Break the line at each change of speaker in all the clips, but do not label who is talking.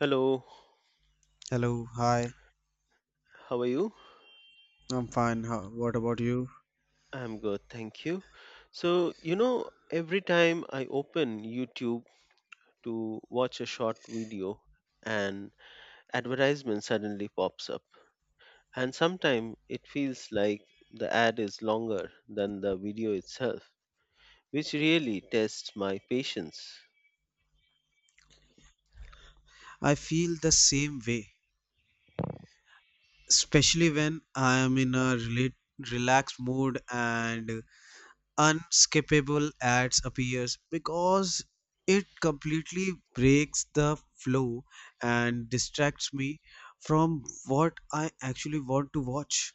Hello,
Hello, hi.
how are you?
I'm fine. What about you?
I'm good, thank you. Every time I open YouTube to watch a short video, an advertisement suddenly pops up. And sometimes it feels like the ad is longer than the video itself, which really tests my patience.
I feel the same way, especially when I am in a relaxed mood and unskippable ads appears because it completely breaks the flow and distracts me from what I actually want to watch.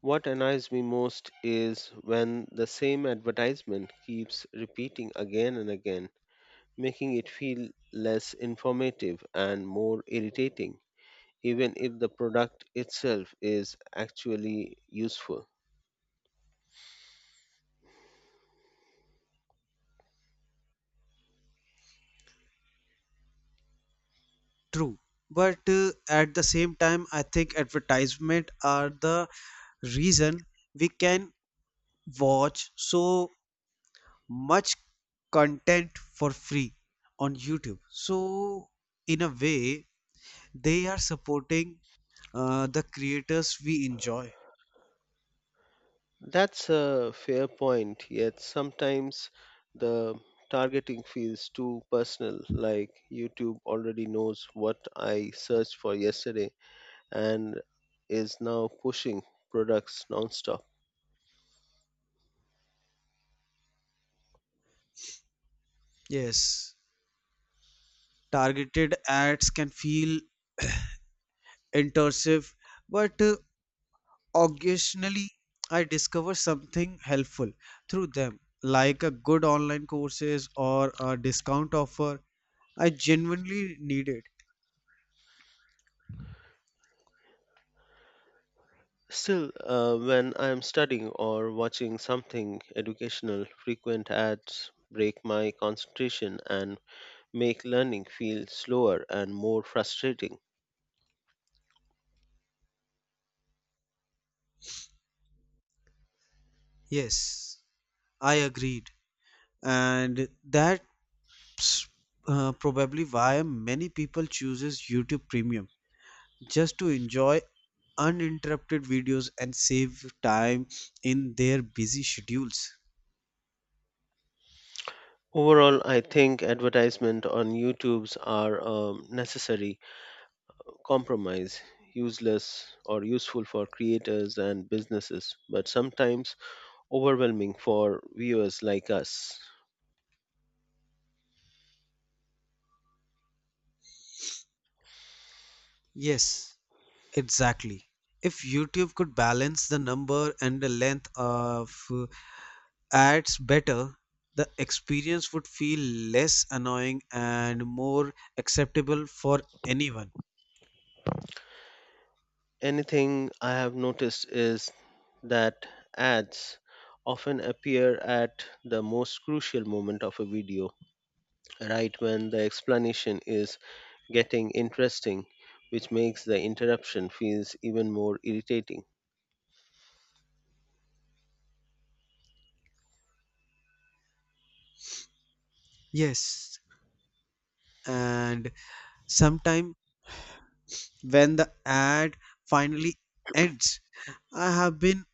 What annoys me most is when the same advertisement keeps repeating again and again, making it feel less informative and more irritating, even if the product itself is actually useful.
True. But at the same time, I think advertisement are the reason we can watch so much content for free on YouTube. So, in a way, they are supporting the creators we enjoy.
That's a fair point, yet sometimes the targeting feels too personal, like YouTube already knows what I searched for yesterday and is now pushing products nonstop.
Yes, targeted ads can feel intrusive, but occasionally I discover something helpful through them, like a good online courses or a discount offer I genuinely needed.
Still, when I am studying or watching something educational, frequent ads break my concentration and make learning feel slower and more frustrating.
Yes, I agreed, and that's probably why many people chooses YouTube Premium just to enjoy uninterrupted videos and save time in their busy schedules.
Overall, I think advertisement on YouTube's are a necessary compromise, useless or useful for creators and businesses, but sometimes overwhelming for viewers like us.
Yes, exactly. If YouTube could balance the number and the length of ads better, the experience would feel less annoying and more acceptable for anyone.
Anything I have noticed is that ads often appear at the most crucial moment of a video, right when the explanation is getting interesting, which makes the interruption feels even more irritating.
Yes, and sometimes when the ad finally ends, I have been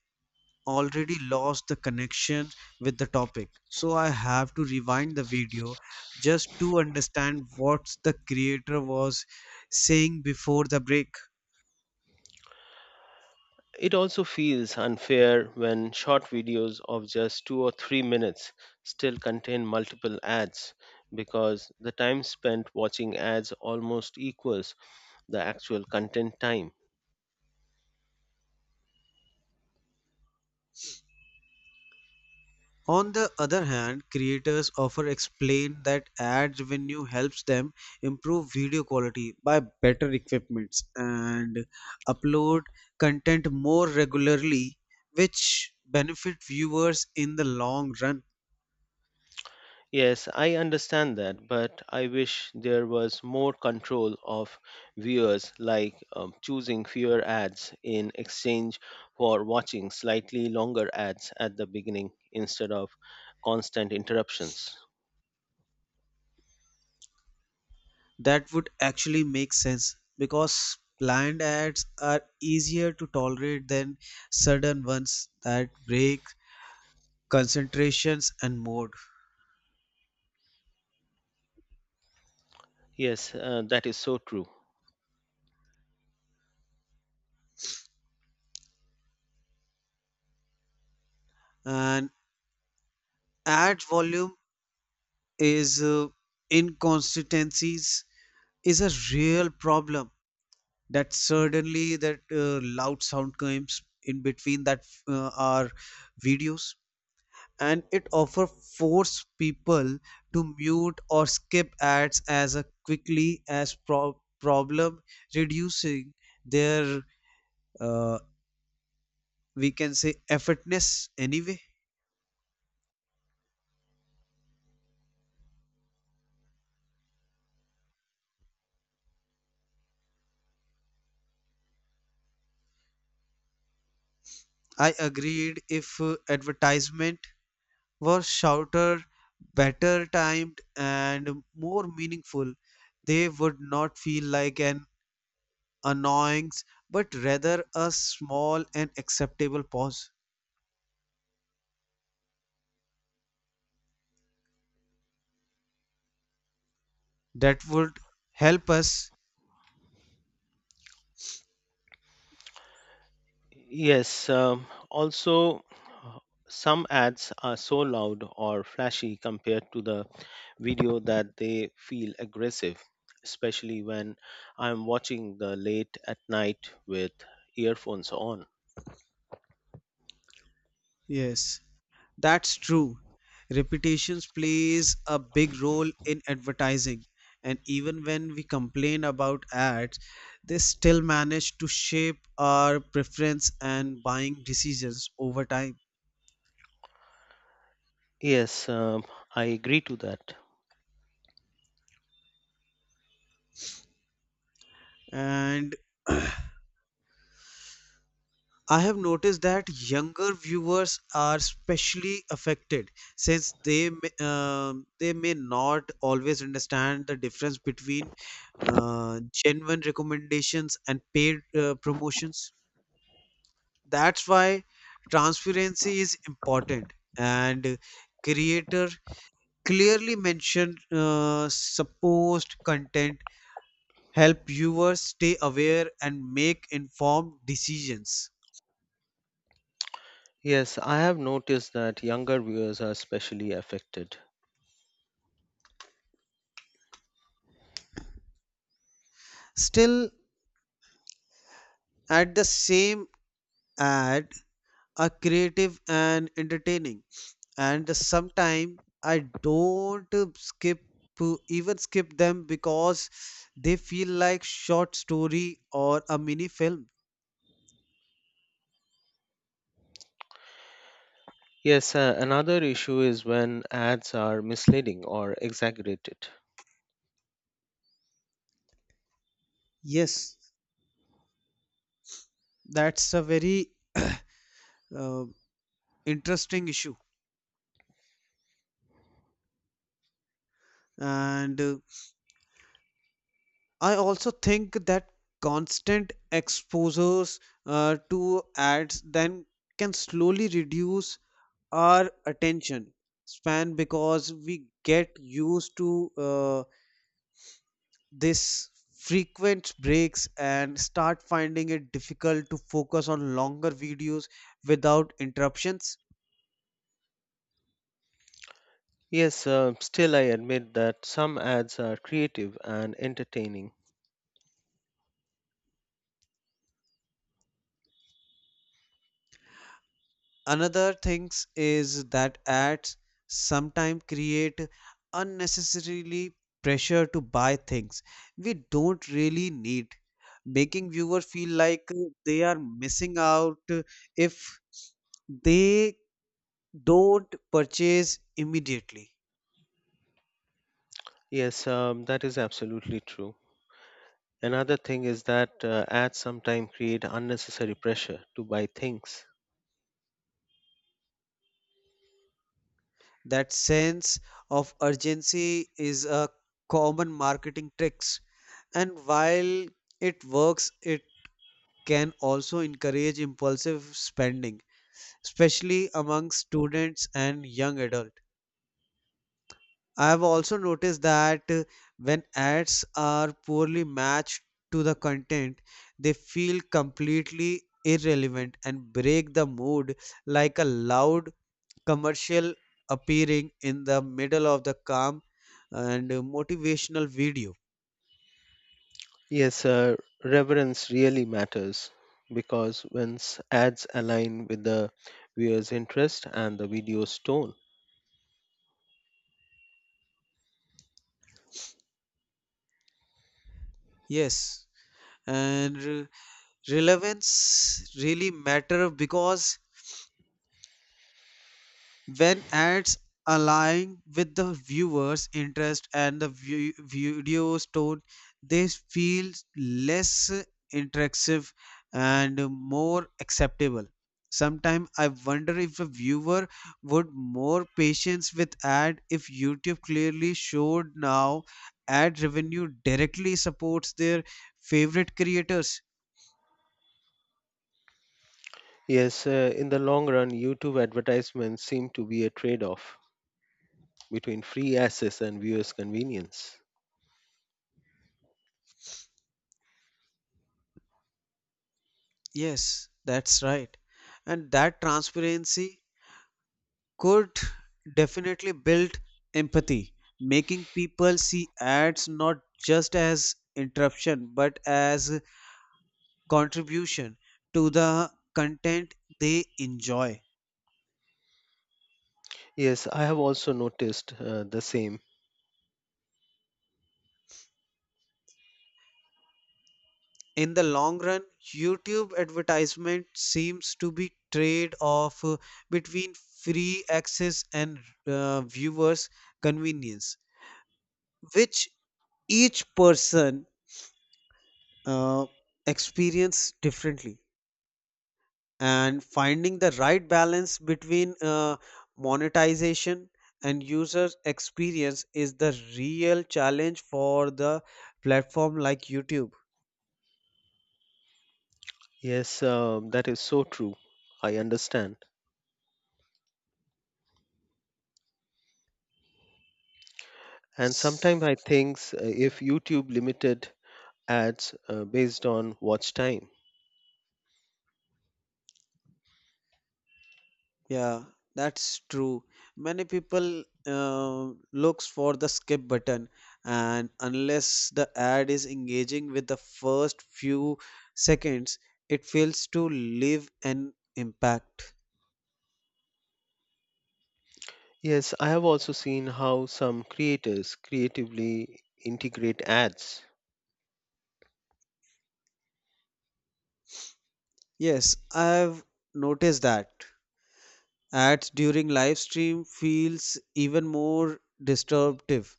already lost the connection with the topic. So I have to rewind the video just to understand what the creator was saying before the break.
It also feels unfair when short videos of just 2 or 3 minutes still contain multiple ads because the time spent watching ads almost equals the actual content time.
On the other hand, creators often explain that ads revenue helps them improve video quality by better equipments and upload content more regularly, which benefit viewers in the long run.
Yes, I understand that, but I wish there was more control of viewers, like choosing fewer ads in exchange for watching slightly longer ads at the beginning instead of constant interruptions.
That would actually make sense because planned ads are easier to tolerate than sudden ones that break concentrations and mode.
Yes, that is so true.
And ad volume is inconsistencies is a real problem that suddenly that loud sound comes in between that our videos, and it often force people to mute or skip ads as a quickly as problem reducing their uh, we can say effortness anyway. I agreed if advertisement were shorter, better timed, and more meaningful. They would not feel like an annoyance, but rather a small and acceptable pause that would help us.
Yes, also, uh, some ads are so loud or flashy compared to the video that they feel aggressive, especially when I'm watching the late at night with earphones on.
Yes, that's true. Repetitions plays a big role in advertising. And even when we complain about ads, they still manage to shape our preference and buying decisions over time.
Yes, I agree to that.
And I have noticed that younger viewers are especially affected since they may not always understand the difference between genuine recommendations and paid promotions. That's why transparency is important, and creator clearly mention supposed content help viewers stay aware and make informed decisions.
Yes, I have noticed that younger viewers are especially affected.
Still, at the same and are creative and entertaining, and sometimes I don't skip them because they feel like short story or a mini film.
Yes, another issue is when ads are misleading or exaggerated.
Yes, that's a very uh, interesting issue, and I also think that constant exposures to ads then can slowly reduce our attention span because we get used to this frequent breaks and start finding it difficult to focus on longer videos without interruptions.
Yes, still I admit that some ads are creative and entertaining.
Another things is that ads sometimes create unnecessarily pressure to buy things we don't really need, making viewers feel like they are missing out if they don't purchase immediately.
Yes, that is absolutely true. Another thing is that ads sometimes create unnecessary pressure to buy things.
That sense of urgency is a common marketing tricks, and while it works, it can also encourage impulsive spending, especially among students and young adults. I have also noticed that when ads are poorly matched to the content, they feel completely irrelevant and break the mood, like a loud commercial appearing in the middle of the calm and motivational video.
Yes, reverence really matters because once ads align with the viewer's interest and the video's tone.
Yes, and relevance really matter because when ads align with the viewer's interest and the video's tone, they feel less interactive and more acceptable. Sometimes I wonder if a viewer would more patience with ad if YouTube clearly showed now ad revenue directly supports their favorite creators.
Yes, in the long run, YouTube advertisements seem to be a trade off between free access and viewers' convenience.
Yes, that's right, and that transparency could definitely build empathy, making people see ads not just as interruption but as contribution to the content they enjoy.
Yes, I have also noticed the same.
In the long run, YouTube advertisement seems to be trade off between free access and viewers convenience, which each person uh, experience differently. And finding the right balance between monetization and user experience is the real challenge for the platform like YouTube.
Yes, that is so true. I understand. And sometimes
S-
I think if YouTube limited ads based on watch time.
Yeah, that's true. Many people looks for the skip button, and unless the ad is engaging with the first few seconds, it fails to leave an impact.
Yes, I have also seen how some creators creatively integrate ads.
Yes, I've noticed that. Ads during live stream feels even more disruptive,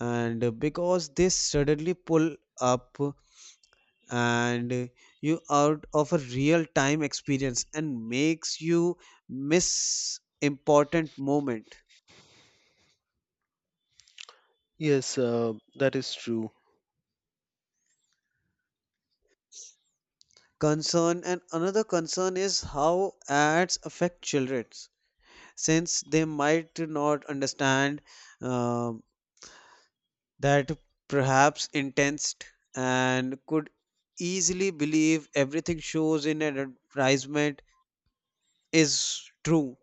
and because they suddenly pull up and you out of a real time experience and makes you miss important moment.
Yes, that is true.
Concern and Another concern is how ads affect children since they might not understand uh, that perhaps intense and could easily believe everything shows in an advertisement is true.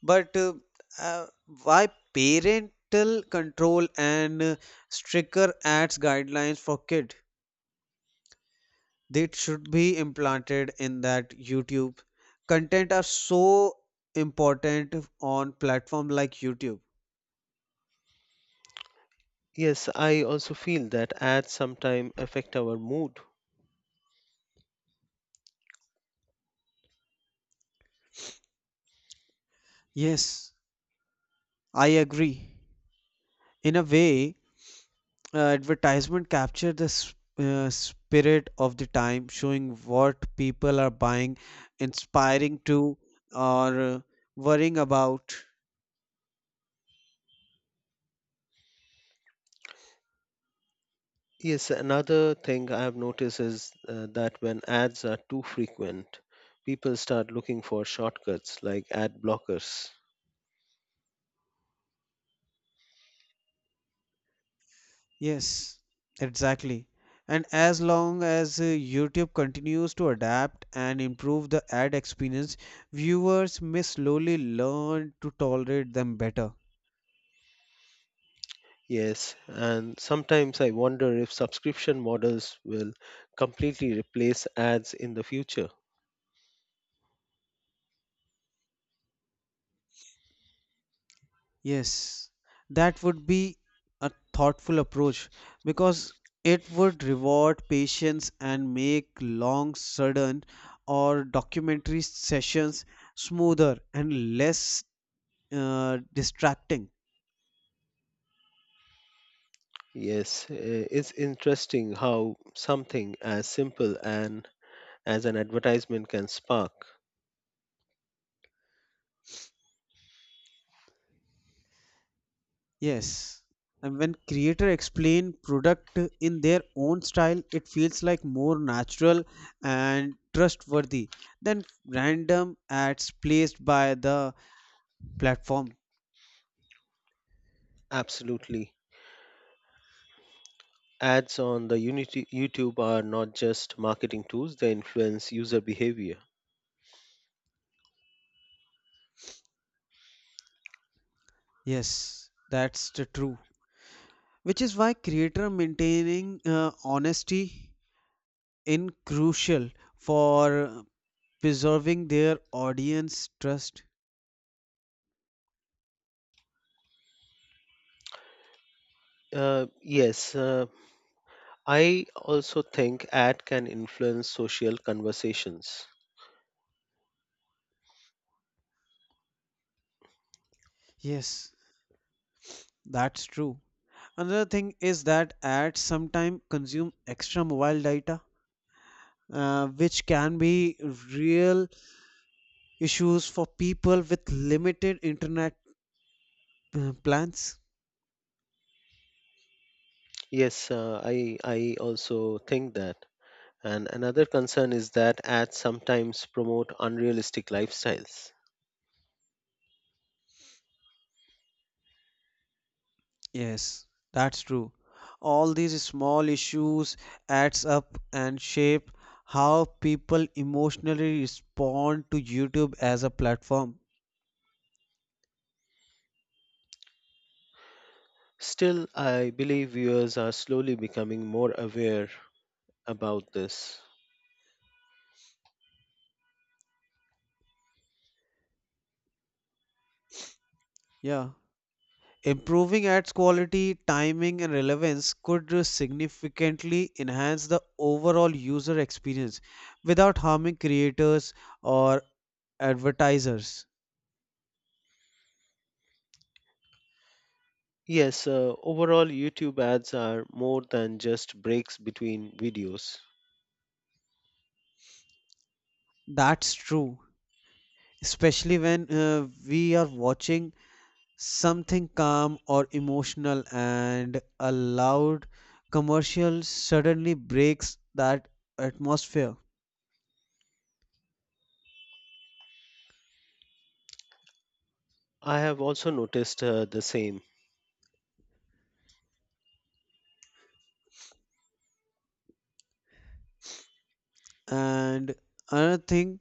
But uh, why parental control and stricter ads guidelines for kid? They should be implanted in that YouTube. Content are so important on platform like YouTube.
Yes, I also feel that ads sometimes affect our mood.
Yes, I agree. In a way, advertisement capture the spirit of the time, showing what people are buying, inspiring to, or worrying about.
Yes, another thing I have noticed is that when ads are too frequent, people start looking for shortcuts like ad blockers.
Yes, exactly. And as long as YouTube continues to adapt and improve the ad experience, viewers may slowly learn to tolerate them better.
Yes, and sometimes I wonder if subscription models will completely replace ads in the future.
Yes, that would be a thoughtful approach because it would reward patience and make long, sudden, or documentary sessions smoother and less distracting.
Yes, it's interesting how something as simple and as an advertisement can spark.
Yes, and when creator explain product in their own style, it feels like more natural and trustworthy than random ads placed by the platform.
Absolutely. Ads on the Unity YouTube are not just marketing tools, they influence user behavior.
Yes, that's the true, which is why creator maintaining honesty in crucial for preserving their audience trust.
Yes, I also think ad can influence social conversations.
Yes, that's true. Another thing is that ads sometimes consume extra mobile data, which can be real issues for people with limited internet plans.
Yes, I also think that. And another concern is that ads sometimes promote unrealistic lifestyles.
Yes, that's true. All these small issues adds up and shape how people emotionally respond to YouTube as a platform.
Still, I believe viewers are slowly becoming more aware about this.
Yeah. Improving ads quality, timing, and relevance could significantly enhance the overall user experience without harming creators or advertisers.
Yes, overall, YouTube ads are more than just breaks between videos.
That's true, especially when we are watching something calm or emotional and a loud commercial suddenly breaks that atmosphere.
I have also noticed the same.
And another thing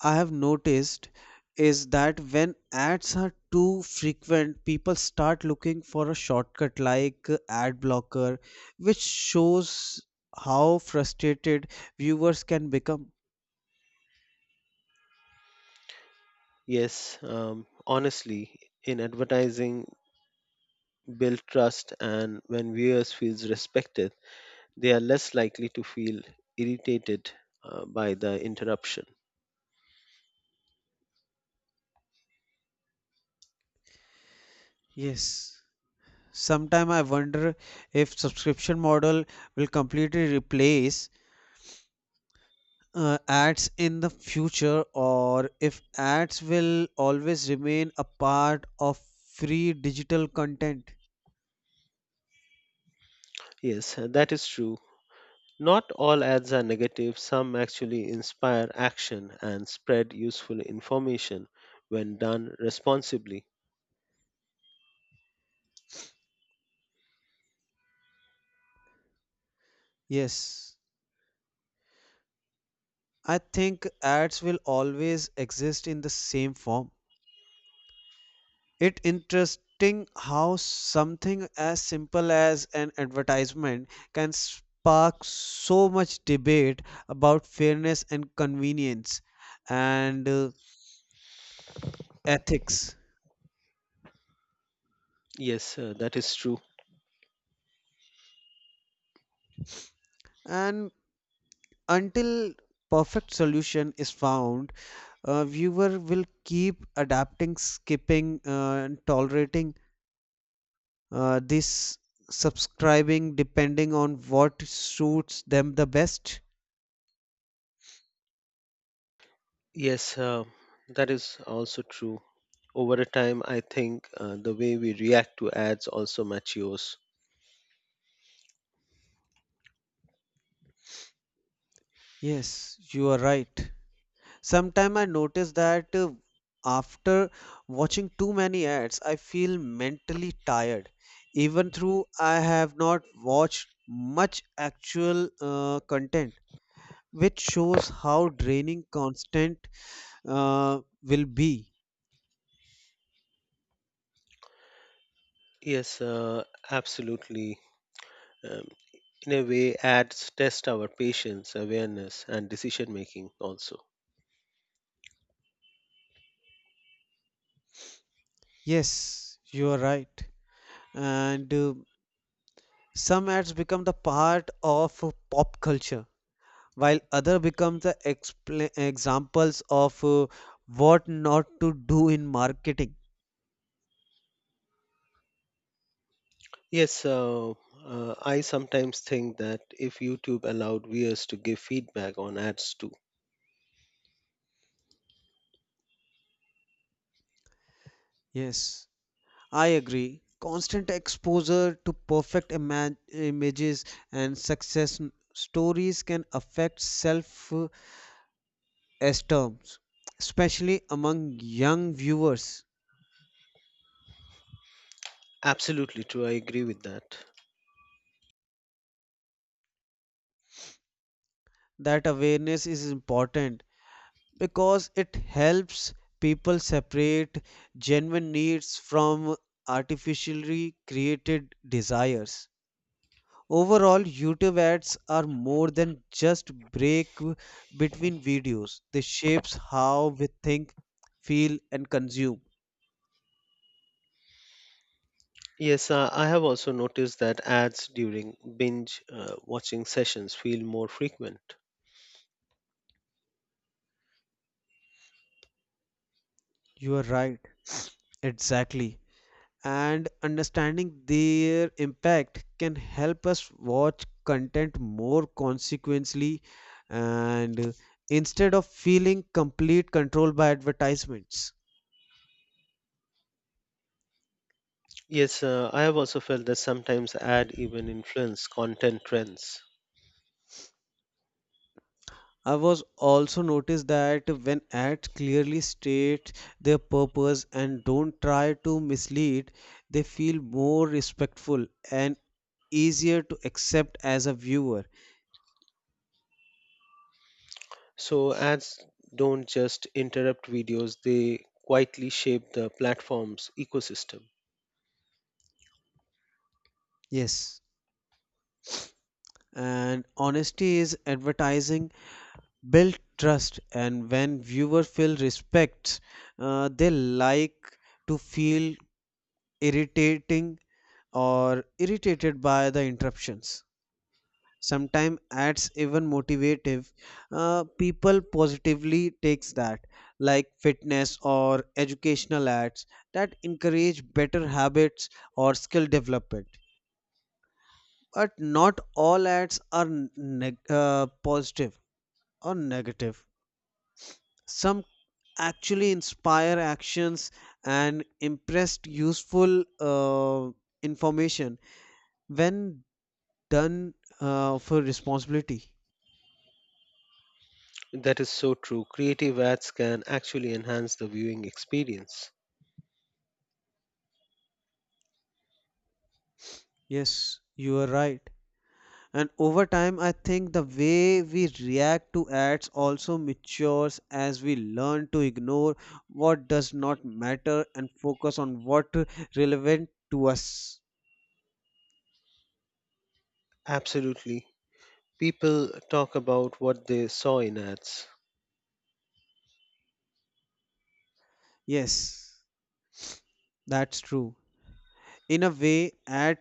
I have noticed is that when ads are too frequent, people start looking for a shortcut like ad blocker, which shows how frustrated viewers can become.
Yes, honestly, in advertising, build trust, and when viewers feels respected, they are less likely to feel irritated by the interruption.
Yes, sometime I wonder if subscription model will completely replace ads in the future, or if ads will always remain a part of free digital content.
Yes, that is true. Not all ads are negative, some actually inspire action and spread useful information when done responsibly.
Yes, I think ads will always exist in the same form. It interesting how something as simple as an advertisement can spark so much debate about fairness and convenience and ethics.
Yes, that is true.
And until perfect solution is found, a viewer will keep adapting, skipping, and tolerating this subscribing depending on what suits them the best.
Yes, that is also true. Over a time, I think the way we react to ads also matures.
Yes, you are right. Sometime I notice that after watching too many ads, I feel mentally tired, even though I have not watched much actual content, which shows how draining constant will be.
Yes, absolutely. Um, in a way, ads test our patience, awareness, and decision making also.
Yes, you are right. And some ads become the part of pop culture, while other become the expla examples of what not to do in marketing.
Yes, I sometimes think that if YouTube allowed viewers to give feedback on ads too.
Yes, I agree. Constant exposure to perfect images and success stories can affect self-esteem, especially among young viewers.
Absolutely true, I agree with that.
That awareness is important because it helps people separate genuine needs from artificially created desires. Overall, YouTube ads are more than just break between videos. They shapes how we think, feel and consume.
Yes, I have also noticed that ads during binge watching sessions feel more frequent.
You are right. Exactly. And understanding their impact can help us watch content more consequently and instead of feeling complete control by advertisements.
Yes, I have also felt that sometimes ad even influence content trends.
I was also noticed that when ads clearly state their purpose and don't try to mislead, they feel more respectful and easier to accept as a viewer.
So ads don't just interrupt videos, they quietly shape the platform's ecosystem.
Yes, and honesty is advertising, build trust, and when viewers feel respect, they like to feel irritating or irritated by the interruptions. Sometimes ads even motivative people positively takes that, like fitness or educational ads that encourage better habits or skill development. But not all ads are positive or negative. Some actually inspire actions and impressed useful information when done for responsibility.
That is so true. Creative ads can actually enhance the viewing experience.
Yes, you are right. And over time I think the way we react to ads also matures as we learn to ignore what does not matter and focus on what relevant to us.
Absolutely. People talk about what they saw in ads.
Yes, that's true. In a way, ad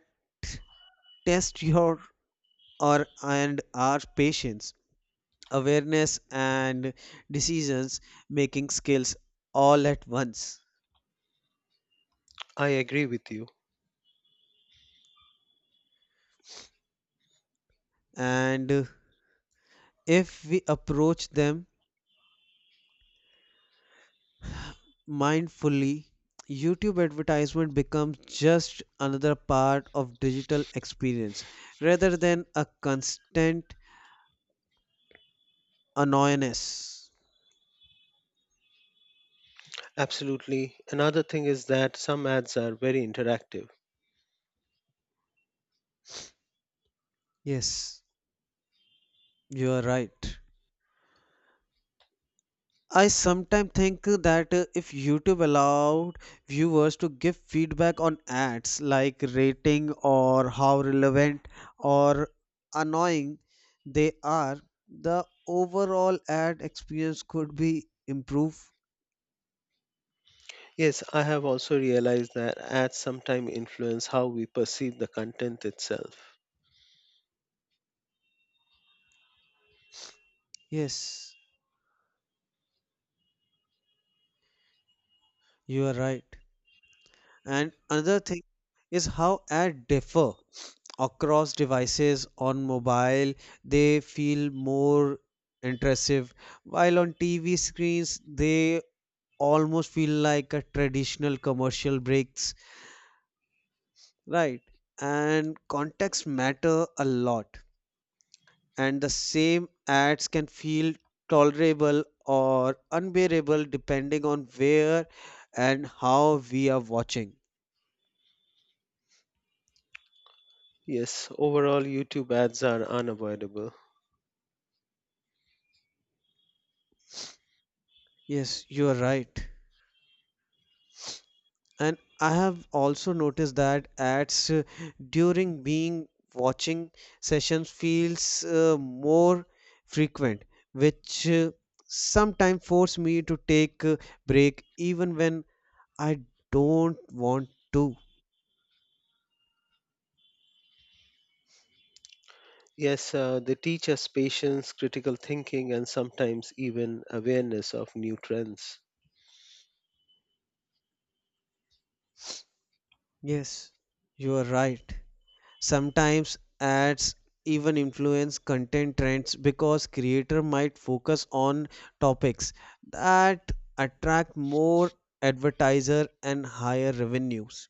test your or and our patience, awareness, and decisions making skills all at once.
I agree with you.
And if we approach them mindfully, YouTube advertisement becomes just another part of digital experience rather than a constant annoyance.
Absolutely. Another thing is that some ads are very interactive.
Yes, you are right. I sometimes think that if YouTube allowed viewers to give feedback on ads, like rating or how relevant or annoying they are, the overall ad experience could be improved.
Yes, I have also realized that ads sometimes influence how we perceive the content itself.
Yes, you are right. And another thing is how ads differ across devices. On mobile, they feel more intrusive, while on TV screens, they almost feel like a traditional commercial breaks. Right, and context matter a lot, and the same ads can feel tolerable or unbearable depending on where and how we are watching.
Yes, overall, YouTube ads are unavoidable.
Yes, you are right. And I have also noticed that ads during being watching sessions feels uh, more frequent, which sometimes force me to take a break even when I don't want to.
Yes, they teach us patience, critical thinking, and sometimes even awareness of new trends.
Yes, you are right. Sometimes ads even influence content trends because creator might focus on topics that attract more advertiser and higher revenues.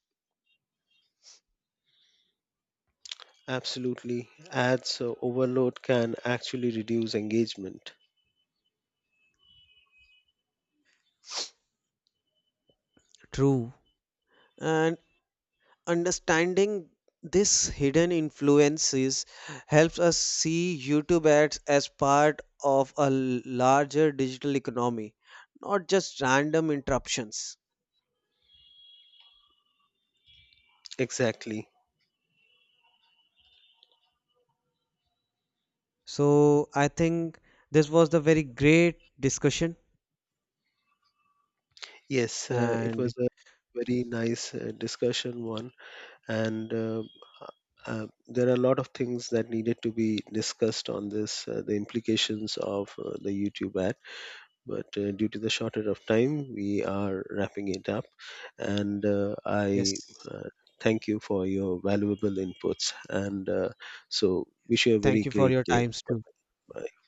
Absolutely. Ads overload can actually reduce engagement.
True. And understanding this hidden influences helps us see YouTube ads as part of a larger digital economy, not just random interruptions.
Exactly.
So I think this was the very great discussion.
Yes, it
And
was a very nice discussion one, and there are a lot of things that needed to be discussed on this, the implications of the YouTube ad. But due to the shortage of time, we are wrapping it up, and I
yes,
uh, thank you for your valuable inputs. And so, wish you a very
thank you for
great
your
day.
times too.
Bye.